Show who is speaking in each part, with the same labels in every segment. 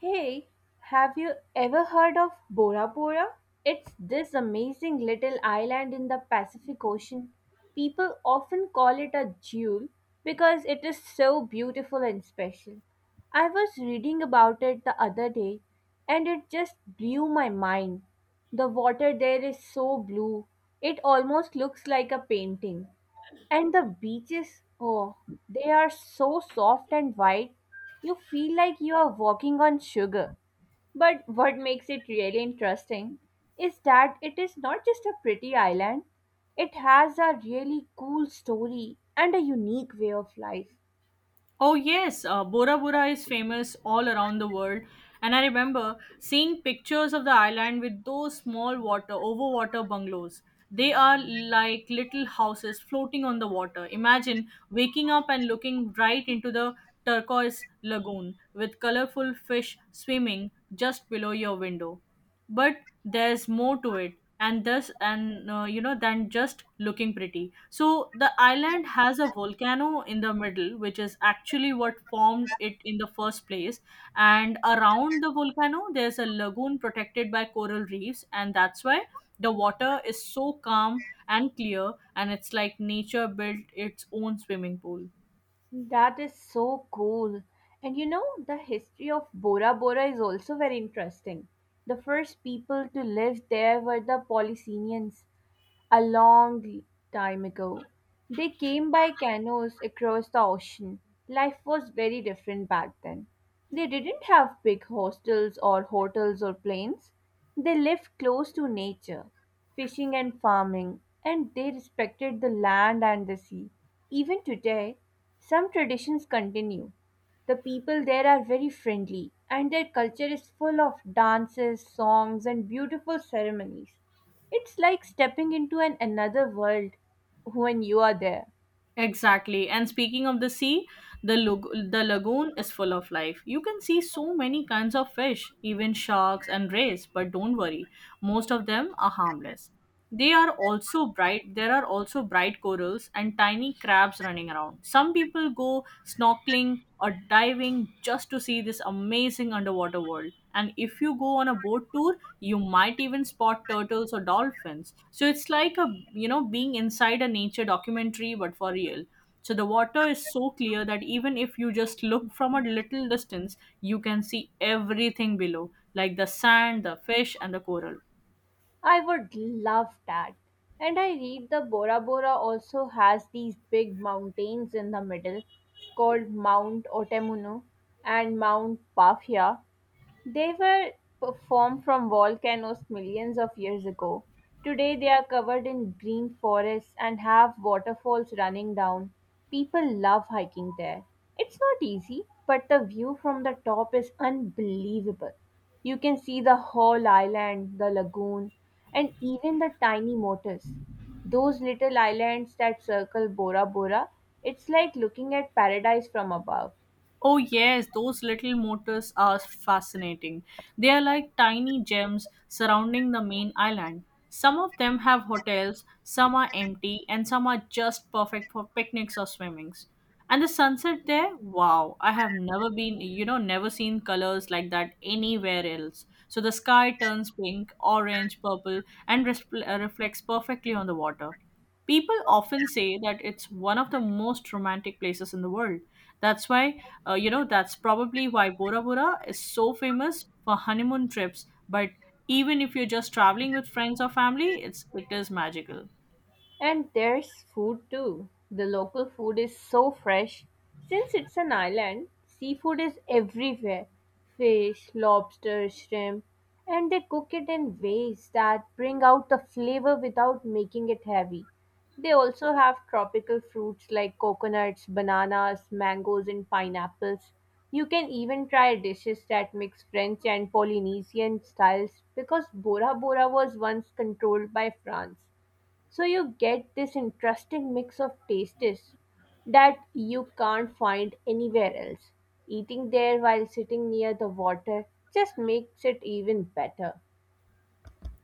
Speaker 1: Hey, have you ever heard of Bora Bora? It's this amazing little island in the Pacific Ocean. People often call it a jewel because it is so beautiful and special. I was reading about it the other day and it just blew my mind. The water there is so blue, it almost looks like a painting. And the beaches, oh, they are so soft and white, you feel like you are walking on sugar. But what makes it really interesting is that it is not just a pretty island, it has a really cool story and a unique way of life.
Speaker 2: Oh yes, Bora Bora is famous all around the world, and I remember seeing pictures of the island with those small water overwater bungalows. They are like little houses floating on the water. Imagine waking up and looking right into the turquoise lagoon with colorful fish swimming just below your window. But there's more to it, and thus and you know than just looking pretty. So the island has a volcano in the middle, which is actually what formed it in the first place. And around the volcano, there's a lagoon protected by coral reefs, and that's why the water is so calm and clear, and it's like nature built its own swimming pool.
Speaker 1: That is so cool. And you know, the history of Bora Bora is also very interesting. The first people to live there were the Polynesians, a long time ago. They came by canoes across the ocean. Life was very different back then. They didn't have big hostels or hotels or planes. They lived close to nature, fishing and farming, and they respected the land and the sea. Even today, some traditions continue. The people there are very friendly, and their culture is full of dances, songs, and beautiful ceremonies. It's like stepping into an another world when you are there.
Speaker 2: Exactly. And speaking of the sea, the lagoon is full of life. You can see so many kinds of fish, even sharks and rays, but don't worry, most of them are harmless. They are also bright There are also bright corals and tiny crabs running around. Some people go snorkeling or diving just to see this amazing underwater world, and if you go on a boat tour, you might even spot turtles or dolphins. So it's like a you know being inside a nature documentary but for real. So the water is so clear that even if you just look from a little distance, you can see everything below, like the sand, the fish, and the coral.
Speaker 1: I would love that. And I read the Bora Bora also has these big mountains in the middle called Mount Otemunu and Mount Pafia. They were formed from volcanoes millions of years ago. Today they are covered in green forests and have waterfalls running down. People love hiking there. It's not easy, but the view from the top is unbelievable. You can see the whole island, the lagoon, and even the tiny motors. Those little islands that circle Bora Bora, it's like looking at paradise from above.
Speaker 2: Oh, yes, those little motors are fascinating. They are like tiny gems surrounding the main island. Some of them have hotels, some are empty, and some are just perfect for picnics or swimmings. And the sunset there, wow, I have never been, you know, never seen colors like that anywhere else. So the sky turns pink, orange, purple, and reflects perfectly on the water. People often say that it's one of the most romantic places in the world. That's probably why Bora Bora is so famous for honeymoon trips. But even if you're just traveling with friends or family, it is magical.
Speaker 1: And there's food too. The local food is so fresh. Since it's an island, seafood is everywhere: fish, lobster, shrimp. And they cook it in ways that bring out the flavor without making it heavy. They also have tropical fruits like coconuts, bananas, mangoes, and pineapples. You can even try dishes that mix French and Polynesian styles because Bora Bora was once controlled by France. So you get this interesting mix of tastes that you can't find anywhere else. Eating there while sitting near the water just makes it even better.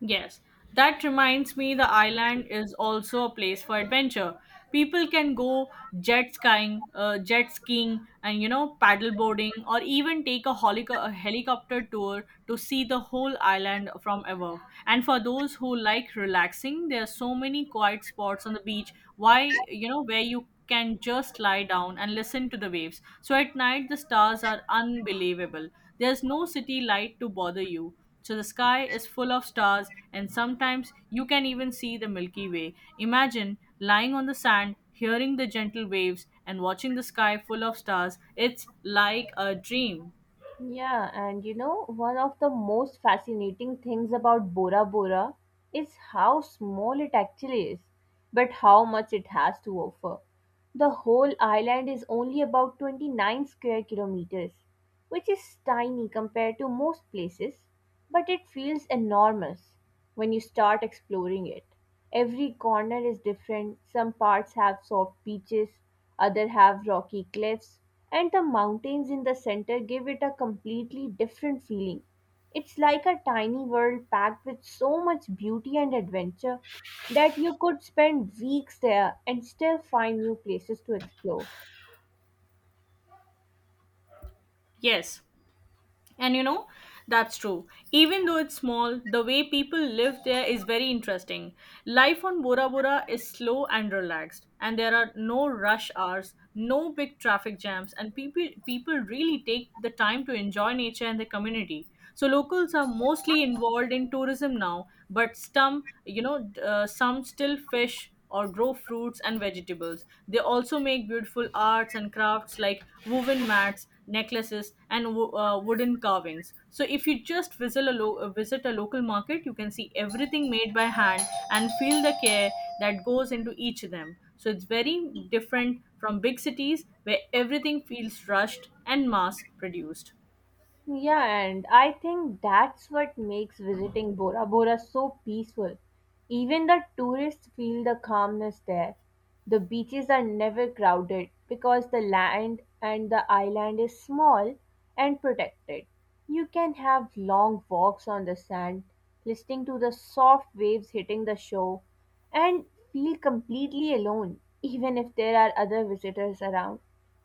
Speaker 2: Yes, that reminds me, the island is also a place for adventure. People can go jet skiing, and paddle boarding, or even take a helicopter tour to see the whole island from above. And for those who like relaxing, there are so many quiet spots on the beach. Why you know where you can just lie down and listen to the waves. So at night the stars are unbelievable. There's no city light to bother you, so the sky is full of stars, and sometimes you can even see the Milky Way. Imagine lying on the sand, hearing the gentle waves, and watching the sky full of stars. It's like a dream.
Speaker 1: Yeah, and you know, one of the most fascinating things about Bora Bora is how small it actually is, but how much it has to offer. The whole island is only about 29 square kilometers, which is tiny compared to most places, but it feels enormous when you start exploring it. Every corner is different. Some parts have soft beaches, others have rocky cliffs, and the mountains in the center give it a completely different feeling. It's like a tiny world packed with so much beauty and adventure that you could spend weeks there and still find new places to explore.
Speaker 2: Yes, and that's true. Even though it's small, the way people live there is very interesting. Life on Bora Bora is slow and relaxed, and there are no rush hours, no big traffic jams, and people really take the time to enjoy nature and the community. So locals are mostly involved in tourism now, but some, you know, d- some still fish or grow fruits and vegetables. They also make beautiful arts and crafts like woven mats, necklaces, and wooden carvings. So if you just visit a local market, you can see everything made by hand and feel the care that goes into each of them. So it's very different from big cities where everything feels rushed and mass produced.
Speaker 1: Yeah, and I think that's what makes visiting Bora Bora so peaceful. Even the tourists feel the calmness there. The beaches are never crowded because the land and the island is small and protected. You can have long walks on the sand, listening to the soft waves hitting the shore, and feel completely alone, even if there are other visitors around.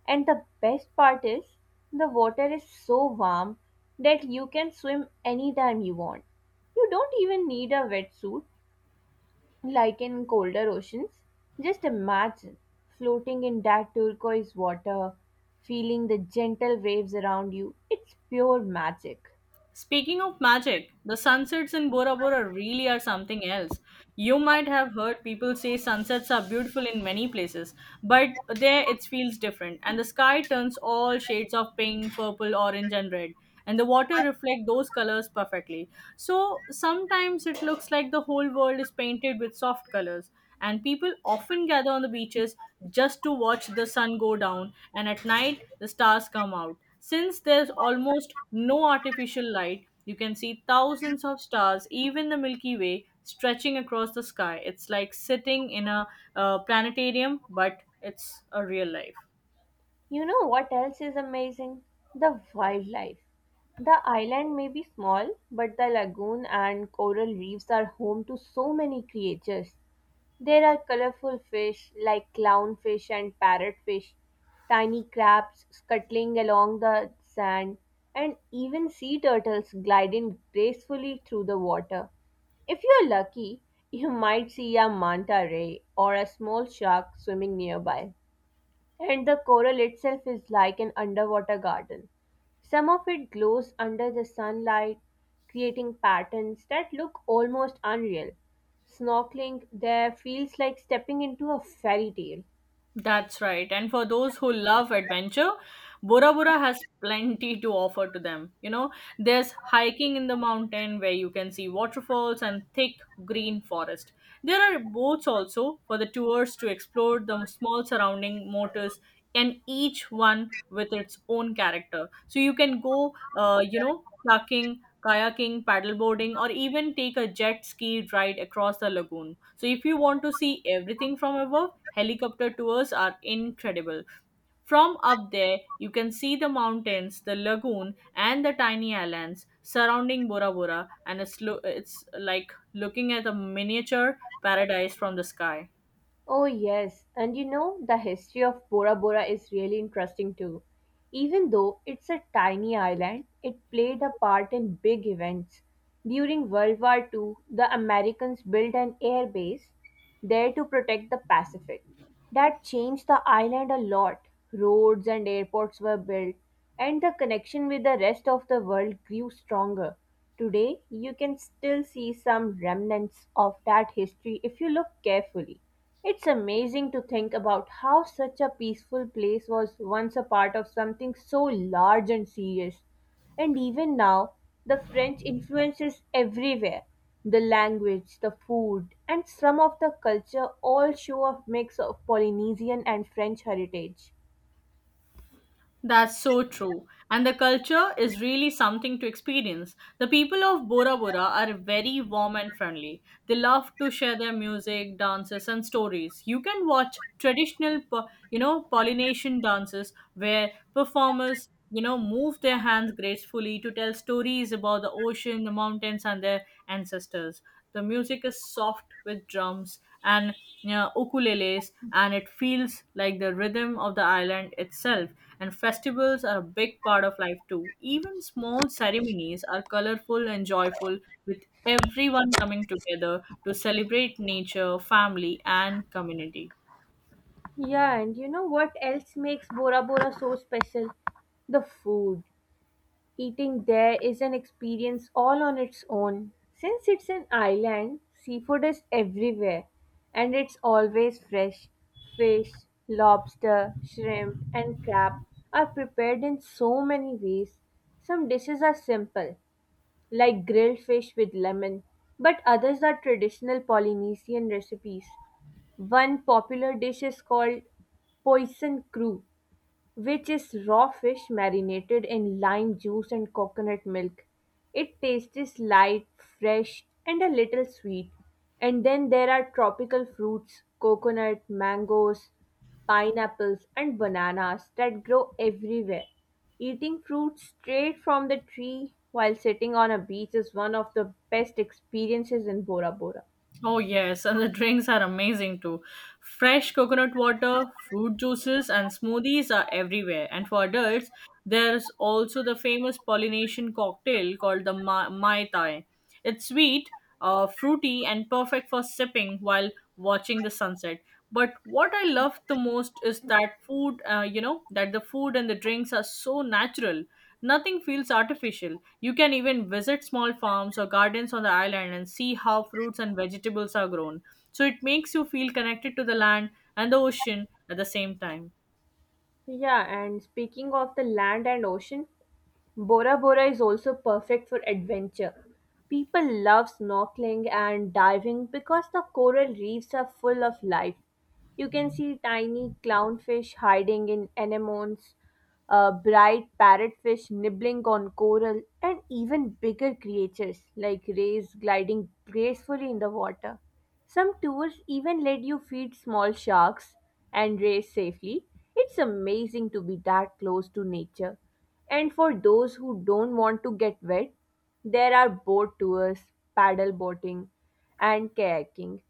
Speaker 1: And the best part is, the water is so warm that you can swim anytime you want. You don't even need a wetsuit like in colder oceans. Just imagine floating in that turquoise water, feeling the gentle waves around you. It's pure magic.
Speaker 2: Speaking of magic, the sunsets in Bora Bora really are something else. You might have heard people say sunsets are beautiful in many places, but there it feels different, and the sky turns all shades of pink, purple, orange, and red, and the water reflect those colors perfectly. So sometimes it looks like the whole world is painted with soft colors, and people often gather on the beaches just to watch the sun go down. And at night the stars come out. Since there's almost no artificial light, you can see thousands of stars, even the Milky Way stretching across the sky. It's like sitting in a planetarium, but it's a real life.
Speaker 1: You know what else is amazing? The wildlife. The island may be small, but the lagoon and coral reefs are home to so many creatures. There are colorful fish like clownfish and parrotfish, tiny crabs scuttling along the sand, and even sea turtles gliding gracefully through the water. If you're lucky, you might see a manta ray or a small shark swimming nearby. And the coral itself is like an underwater garden. Some of it glows under the sunlight, creating patterns that look almost unreal. Snorkeling there feels like stepping into a fairy tale.
Speaker 2: That's right. And for those who love adventure, Bora Bora has plenty to offer to them. You know, there's hiking in the mountain where you can see waterfalls and thick green forest. There are boats also for the tours to explore the small surrounding motors, and each one with its own character. So you can go, kayaking, paddleboarding, or even take a jet ski ride across the lagoon. So if you want to see everything from above, helicopter tours are incredible. From up there, you can see the mountains, the lagoon, and the tiny islands surrounding Bora Bora, and it's like looking at a miniature paradise from the sky.
Speaker 1: Oh, yes, and you know, the history of Bora Bora is really interesting too. Even though it's a tiny island, it played a part in big events. During World War II, the Americans built an air base there to protect the Pacific. That changed the island a lot. Roads and airports were built, and the connection with the rest of the world grew stronger. Today, you can still see some remnants of that history if you look carefully. It's amazing to think about how such a peaceful place was once a part of something so large and serious. And even now, the French influence is everywhere. The language, the food, and some of the culture all show a mix of Polynesian and French heritage.
Speaker 2: That's so true. And the culture is really something to experience. The people of Bora Bora are very warm and friendly. They love to share their music, dances, and stories. You can watch traditional, Po- you know, Polynesian dances where performers, move their hands gracefully to tell stories about the ocean, the mountains, and their ancestors. The music is soft with drums and, ukuleles, and it feels like the rhythm of the island itself. And festivals are a big part of life too. Even small ceremonies are colorful and joyful, with everyone coming together to celebrate nature, family, and community.
Speaker 1: Yeah, and you know what else makes Bora Bora so special? The food. Eating there is an experience all on its own. Since it's an island, seafood is everywhere and it's always fresh. Fish, lobster, shrimp, and crab are prepared in so many ways. Some dishes are simple, like grilled fish with lemon, but others are traditional Polynesian recipes. One popular dish is called poison crew, which is raw fish marinated in lime juice and coconut milk. It tastes light, fresh, and a little sweet. And then there are tropical fruits, coconut, mangoes, pineapples, and bananas that grow everywhere. Eating fruit straight from the tree while sitting on a beach is one of the best experiences in Bora Bora.
Speaker 2: Oh, yes, and the drinks are amazing too. Fresh coconut water, fruit juices, and smoothies are everywhere. And for adults, there's also the famous Polynesian cocktail called the Mai Tai. It's sweet, fruity, and perfect for sipping while watching the sunset. But what I love the most is that the food and the drinks are so natural. Nothing feels artificial. You can even visit small farms or gardens on the island and see how fruits and vegetables are grown. So it makes you feel connected to the land and the ocean at the same time.
Speaker 1: Yeah, and speaking of the land and ocean, Bora Bora is also perfect for adventure. People love snorkeling and diving because the coral reefs are full of life. You can see tiny clownfish hiding in anemones, bright parrotfish nibbling on coral, and even bigger creatures like rays gliding gracefully in the water. Some tours even let you feed small sharks and rays safely. It's amazing to be that close to nature. And for those who don't want to get wet, there are boat tours, paddle boating, and kayaking.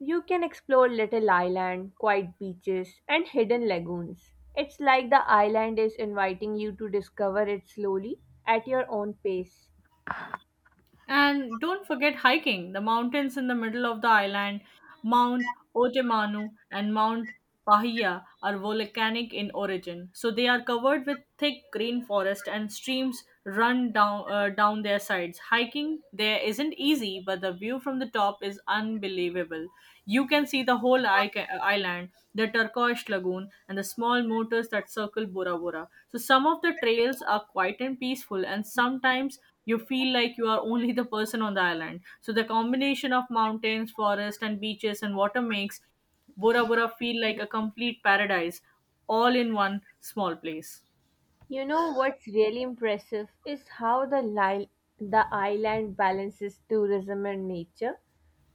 Speaker 1: You can explore Little Island, quiet beaches, and hidden lagoons. It's like the island is inviting you to discover it slowly at your own pace.
Speaker 2: And don't forget hiking the mountains in the middle of the island. Mount Otemanu and Mount Pahia are volcanic in origin, so they are covered with thick green forest and streams run down their sides. Hiking there isn't easy, but the view from the top is unbelievable. You can see the island, the turquoise lagoon, and the small motors that circle Bora Bora. So some of the trails are quiet and peaceful, and sometimes you feel like you are only the person on the island. So the combination of mountains, forest, and beaches and water makes Bora Bora feel like a complete paradise all in one small place.
Speaker 1: You know what's really impressive is how the island balances tourism and nature.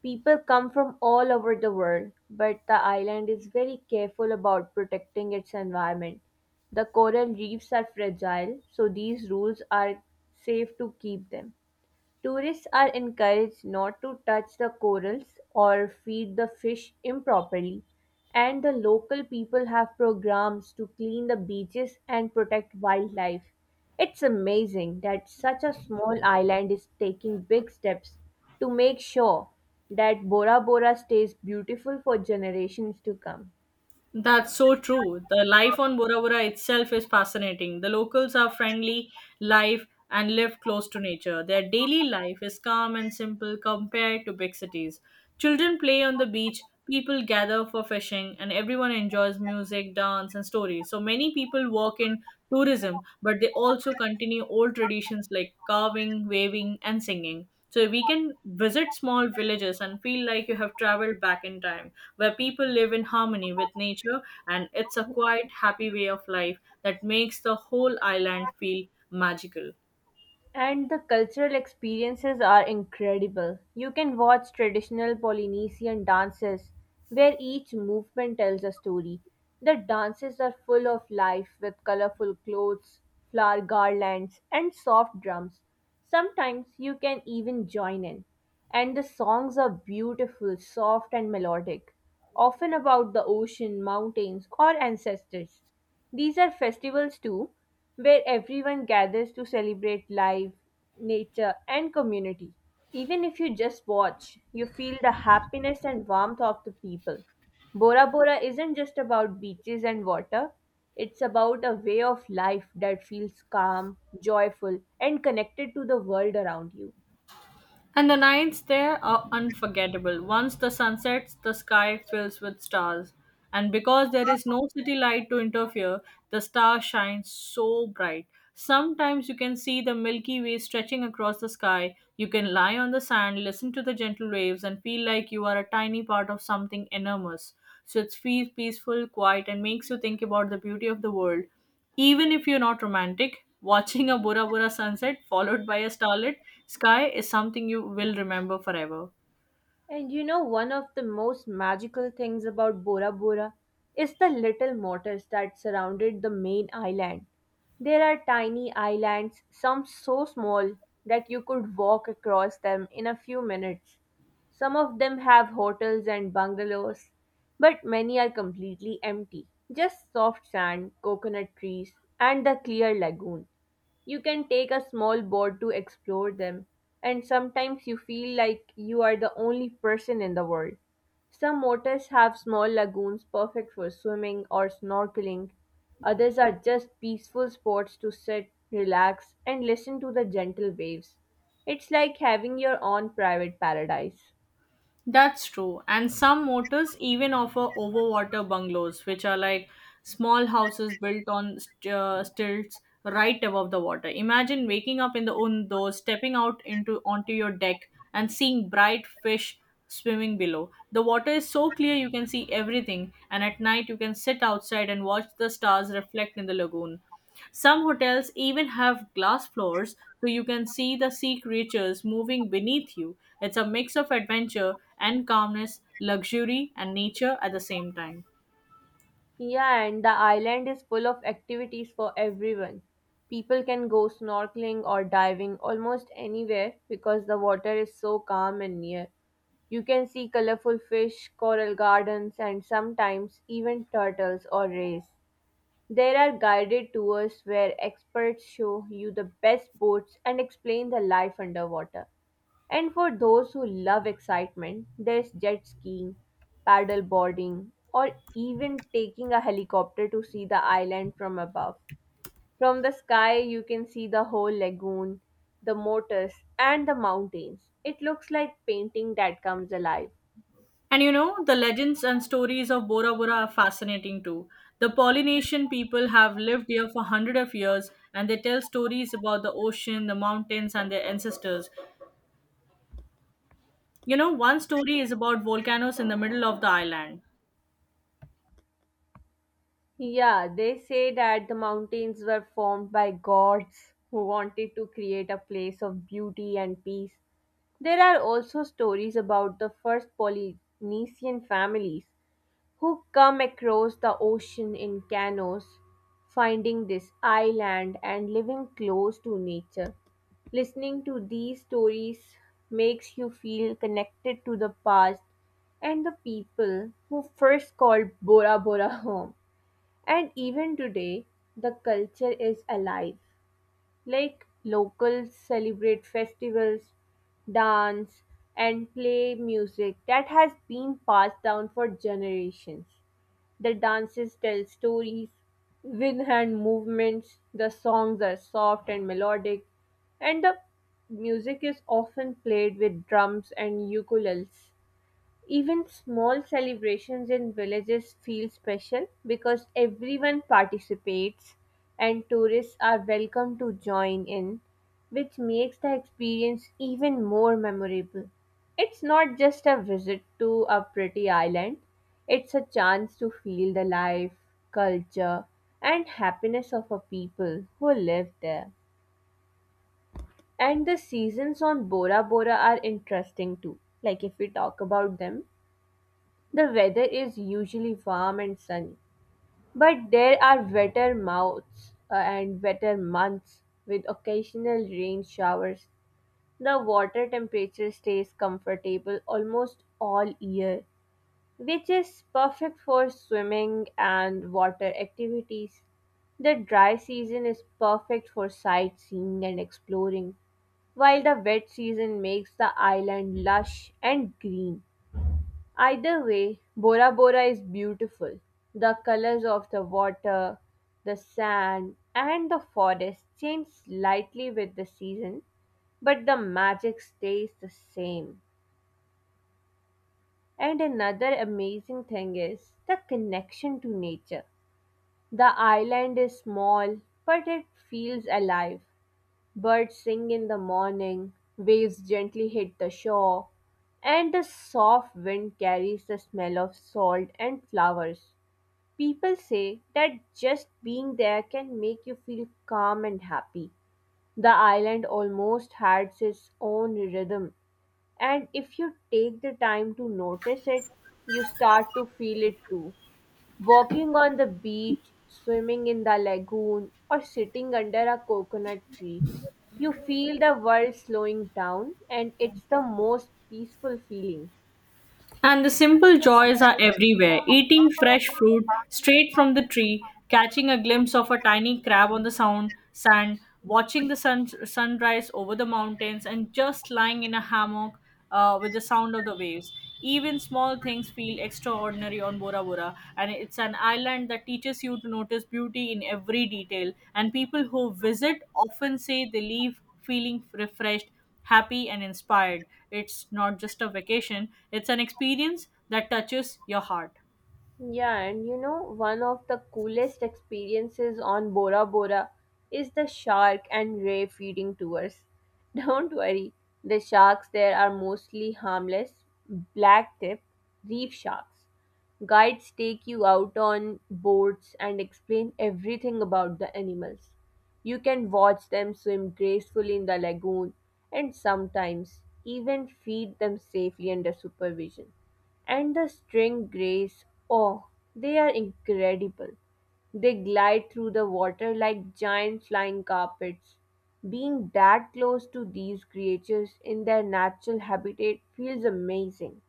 Speaker 1: People come from all over the world, but the island is very careful about protecting its environment. The coral reefs are fragile, so these rules are safe to keep them. Tourists are encouraged not to touch the corals or feed the fish improperly, and the local people have programs to clean the beaches and protect wildlife. It's amazing that such a small island is taking big steps to make sure that Bora Bora stays beautiful for generations to come.
Speaker 2: That's so true. The life on Bora Bora itself is fascinating. The locals are friendly, live close to nature. Their daily life is calm and simple compared to big cities. Children play on the beach, people gather for fishing, and everyone enjoys music, dance, and stories. So many people work in tourism, but they also continue old traditions like carving, waving, and singing. So we can visit small villages and feel like you have traveled back in time where people live in harmony with nature, and it's a quiet, happy way of life that makes the whole island feel magical.
Speaker 1: And the cultural experiences are incredible. You can watch traditional Polynesian dances where each movement tells a story. The dances are full of life with colorful clothes, flower garlands, and soft drums. Sometimes you can even join in. And the songs are beautiful, soft, and melodic, often about the ocean, mountains, or ancestors. These are festivals too, where everyone gathers to celebrate life, nature, and community. Even if you just watch, you feel the happiness and warmth of the people. Bora Bora isn't just about beaches and water, it's about a way of life that feels calm, joyful, and connected to the world around you.
Speaker 2: And the nights there are unforgettable. Once the sun sets, the sky fills with stars. And because there is no city light to interfere, the star shines so bright. Sometimes you can see the Milky Way stretching across the sky. You can lie on the sand, listen to the gentle waves, and feel like you are a tiny part of something enormous. So it's feels peaceful, quiet, and makes you think about the beauty of the world. Even if you're not romantic, watching a Bora Bora sunset followed by a starlit sky is something you will remember forever.
Speaker 1: And you know, one of the most magical things about Bora Bora is the little waters that surrounded the main island. There are tiny islands, some so small that you could walk across them in a few minutes. Some of them have hotels and bungalows, but many are completely empty. Just soft sand, coconut trees, and the clear lagoon. You can take a small boat to explore them, and sometimes you feel like you are the only person in the world. Some waters have small lagoons perfect for swimming or snorkeling. Others are just peaceful spots to sit, relax, and listen to the gentle waves. It's like having your own private paradise.
Speaker 2: That's true. And some motels even offer overwater bungalows, which are like small houses built on stilts right above the water. Imagine waking up in the undo, stepping out into onto your deck and seeing bright fish swimming below. The water is so clear you can see everything, and at night you can sit outside and watch the stars reflect in the lagoon. Some hotels even have glass floors so you can see the sea creatures moving beneath you. It's a mix of adventure and calmness, luxury and nature at the same time.
Speaker 1: Yeah, and the island is full of activities for everyone. People can go snorkeling or diving almost anywhere because the water is so calm and near. You can see colorful fish, coral gardens, and sometimes even turtles or rays. There are guided tours where experts show you the best boats and explain the life underwater. And for those who love excitement, there's jet skiing, paddle boarding, or even taking a helicopter to see the island from above. From the sky, you can see the whole lagoon, the motors, and the mountains. It looks like painting that comes alive.
Speaker 2: And you know, the legends and stories of Bora Bora are fascinating too. The Polynesian people have lived here for hundreds of years, and they tell stories about the ocean, the mountains, and their ancestors. You know, one story is about volcanoes in the middle of the island.
Speaker 1: Yeah, they say that the mountains were formed by gods who wanted to create a place of beauty and peace. There are also stories about the first Polynesian families who come across the ocean in canoes, finding this island and living close to nature. Listening to these stories makes you feel connected to the past and the people who first called Bora Bora home. And even today, the culture is alive. Like locals celebrate festivals, dance, and play music that has been passed down for generations. The dances tell stories with hand movements, the songs are soft and melodic, and the music is often played with drums and ukuleles. Even small celebrations in villages feel special because everyone participates and tourists are welcome to join in, which makes the experience even more memorable. It's not just a visit to a pretty island, it's a chance to feel the life, culture, and happiness of a people who live there. And the seasons on Bora Bora are interesting too. Like if we talk about them, the weather is usually warm and sunny, but there are wetter mouths and wetter months with occasional rain showers. The water temperature stays comfortable almost all year, which is perfect for swimming and water activities. The dry season is perfect for sightseeing and exploring, while the wet season makes the island lush and green. Either way, Bora Bora is beautiful. The colors of the water, the sand, and the forest change slightly with the season, but the magic stays the same. And another amazing thing is the connection to nature. The island is small, but it feels alive. Birds sing in the morning, waves gently hit the shore, and the soft wind carries the smell of salt and flowers. People say that just being there can make you feel calm and happy. The island almost has its own rhythm, and if you take the time to notice it, you start to feel it too. Walking on the beach, swimming in the lagoon, or sitting under a coconut tree, you feel the world slowing down, and it's the most peaceful feeling.
Speaker 2: And the simple joys are everywhere: eating fresh fruit straight from the tree, catching a glimpse of a tiny crab on the sand, watching the sunrise over the mountains, and just lying in a hammock with the sound of the waves. Even small things feel extraordinary on Bora Bora, and it's an island that teaches you to notice beauty in every detail. And people who visit often say they leave feeling refreshed, happy, and inspired. It's not just a vacation, it's an experience that touches your heart.
Speaker 1: Yeah, and you know, one of the coolest experiences on Bora Bora is the shark and ray feeding tours. Don't worry, the sharks there are mostly harmless, black tip, reef sharks. Guides take you out on boats and explain everything about the animals. You can watch them swim gracefully in the lagoon and sometimes even feed them safely under supervision. And the string grays, oh, they are incredible. They glide through the water like giant flying carpets. Being that close to these creatures in their natural habitat feels amazing.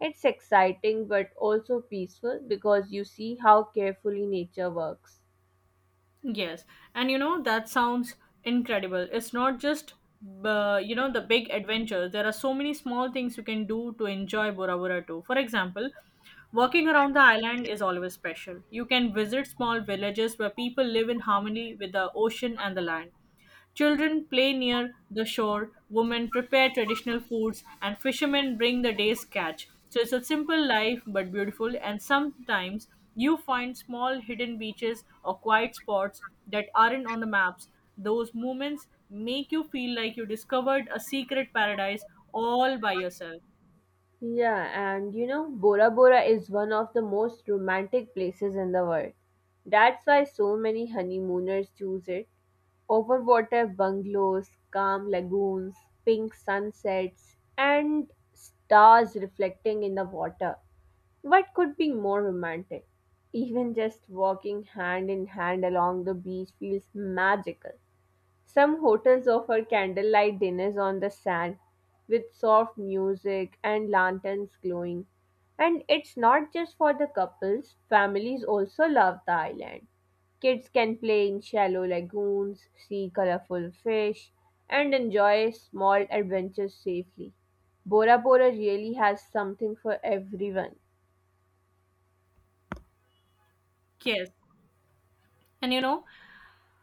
Speaker 1: It's exciting but also peaceful because you see how carefully nature works.
Speaker 2: Yes, and you know that sounds incredible. It's not just you know the big adventure. There are so many small things you can do to enjoy Bora Bora too. For example, walking around the island is always special. You can visit small villages where people live in harmony with the ocean and the land. Children play near the shore, women prepare traditional foods, and fishermen bring the day's catch. So it's a simple life but beautiful, and sometimes you find small hidden beaches or quiet spots that aren't on the maps. Those moments make you feel like you discovered a secret paradise all by yourself.
Speaker 1: Yeah, and you know, Bora Bora is one of the most romantic places in the world. That's why so many honeymooners choose it. Overwater bungalows, calm lagoons, pink sunsets, and stars reflecting in the water. What could be more romantic? Even just walking hand in hand along the beach feels magical. Some hotels offer candlelight dinners on the sand with soft music and lanterns glowing. And it's not just for the couples, families also love the island. Kids can play in shallow lagoons, see colorful fish, and enjoy small adventures safely. Bora Bora really has something for everyone.
Speaker 2: Yes. And you know,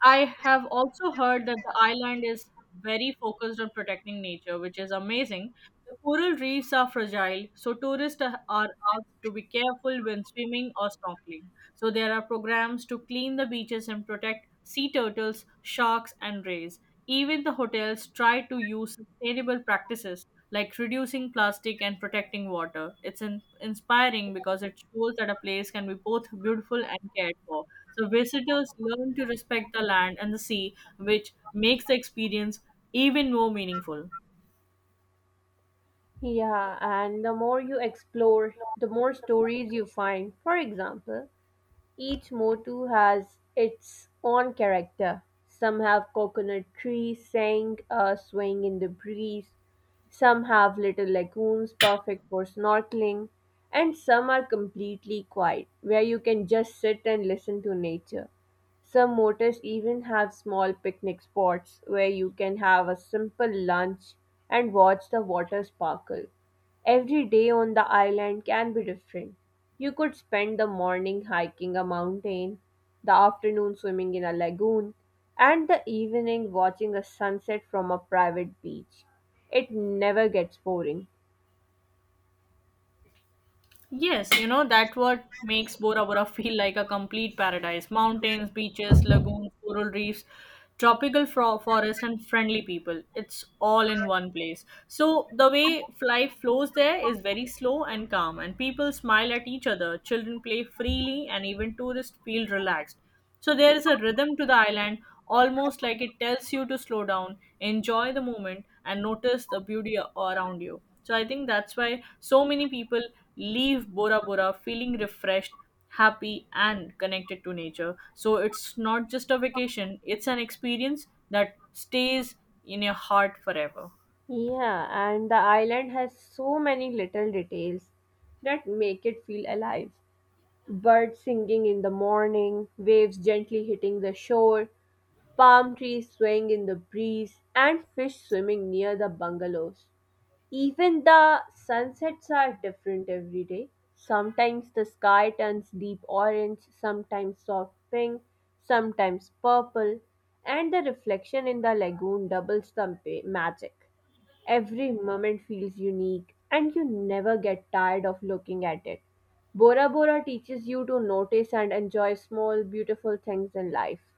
Speaker 2: I have also heard that the island is very focused on protecting nature, which is amazing. The coral reefs are fragile, so tourists are asked to be careful when swimming or snorkeling. So there are programs to clean the beaches and protect sea turtles, sharks, and rays. Even the hotels try to use sustainable practices like reducing plastic and protecting water. It's inspiring because it shows that a place can be both beautiful and cared for. So visitors learn to respect the land and the sea, which makes the experience even more meaningful.
Speaker 1: Yeah, and the more you explore, the more stories you find. For example, each motu has its own character. Some have coconut trees saying swaying in the breeze, some have little lagoons perfect for snorkeling, and some are completely quiet, where you can just sit and listen to nature. Some motus even have small picnic spots where you can have a simple lunch and watch the water sparkle. Every day on the island can be different. You could spend the morning hiking a mountain, the afternoon swimming in a lagoon, and the evening watching a sunset from a private beach. It never gets boring.
Speaker 2: Yes, you know, that what makes Bora Bora feel like a complete paradise. Mountains, beaches, lagoons, coral reefs, tropical forest, and friendly people. It's all in one place. So, the way life flows there is very slow and calm, and people smile at each other. Children play freely, and even tourists feel relaxed. So there is a rhythm to the island, almost like it tells you to slow down, enjoy the moment, and notice the beauty around you. So I think that's why so many people leave Bora Bora feeling refreshed, happy, and connected to nature. So it's not just a vacation, it's an experience that stays in your heart forever.
Speaker 1: Yeah, and the island has so many little details that make it feel alive. Birds singing in the morning, waves gently hitting the shore, palm trees swaying in the breeze, and fish swimming near the bungalows. Even the sunsets are different every day. Sometimes the sky turns deep orange, sometimes soft pink, sometimes purple, and the reflection in the lagoon doubles the magic. Every moment feels unique, and you never get tired of looking at it. Bora Bora teaches you to notice and enjoy small, beautiful things in life.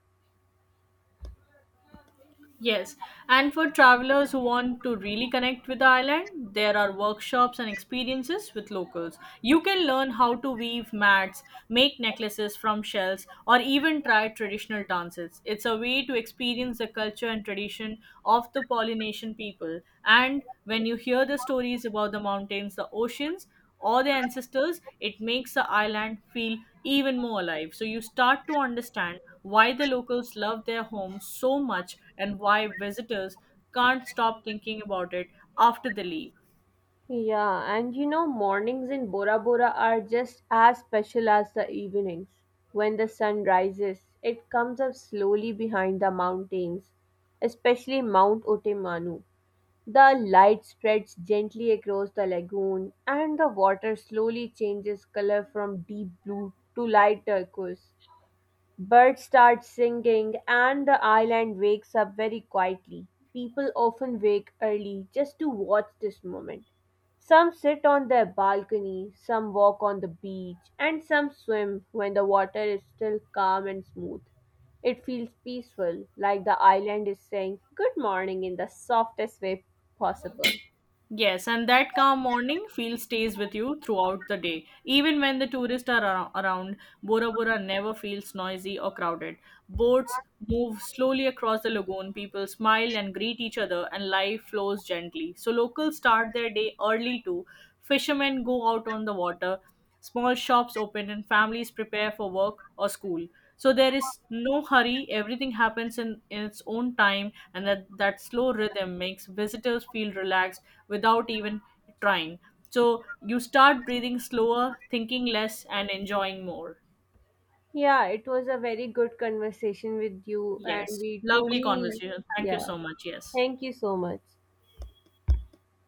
Speaker 2: Yes, and for travelers who want to really connect with the island, there are workshops and experiences with locals. You can learn how to weave mats, make necklaces from shells, or even try traditional dances. It's a way to experience the culture and tradition of the Polynesian people. And when you hear the stories about the mountains, the oceans, or their ancestors, it makes the island feel even more alive. So you start to understand why the locals love their home so much and why visitors can't stop thinking about it after they leave.
Speaker 1: Yeah, and you know, mornings in Bora Bora are just as special as the evenings. When the sun rises, it comes up slowly behind the mountains, especially Mount Otemanu. The light spreads gently across the lagoon, and the water slowly changes color from deep blue to light turquoise. Birds start singing, and the island wakes up very quietly. People often wake early just to watch this moment. Some sit on their balcony, some walk on the beach, and some swim when the water is still calm and smooth. It feels peaceful, like the island is saying good morning in the softest way possible.
Speaker 2: Yes, and that calm morning feel stays with you throughout the day. Even when the tourists are around, Bora Bora never feels noisy or crowded. Boats move slowly across the lagoon, people smile and greet each other, and life flows gently. So, locals start their day early too. Fishermen go out on the water, small shops open and families prepare for work or school. So there is no hurry, everything happens in its own time, and that slow rhythm makes visitors feel relaxed without even trying. So you start breathing slower, thinking less, and enjoying more.
Speaker 1: Yeah, it was a very good conversation with you, and
Speaker 2: Yes.
Speaker 1: we
Speaker 2: Lovely
Speaker 1: truly,
Speaker 2: conversation. Thank you
Speaker 1: yeah,
Speaker 2: so much. Yes.
Speaker 1: thank you so much.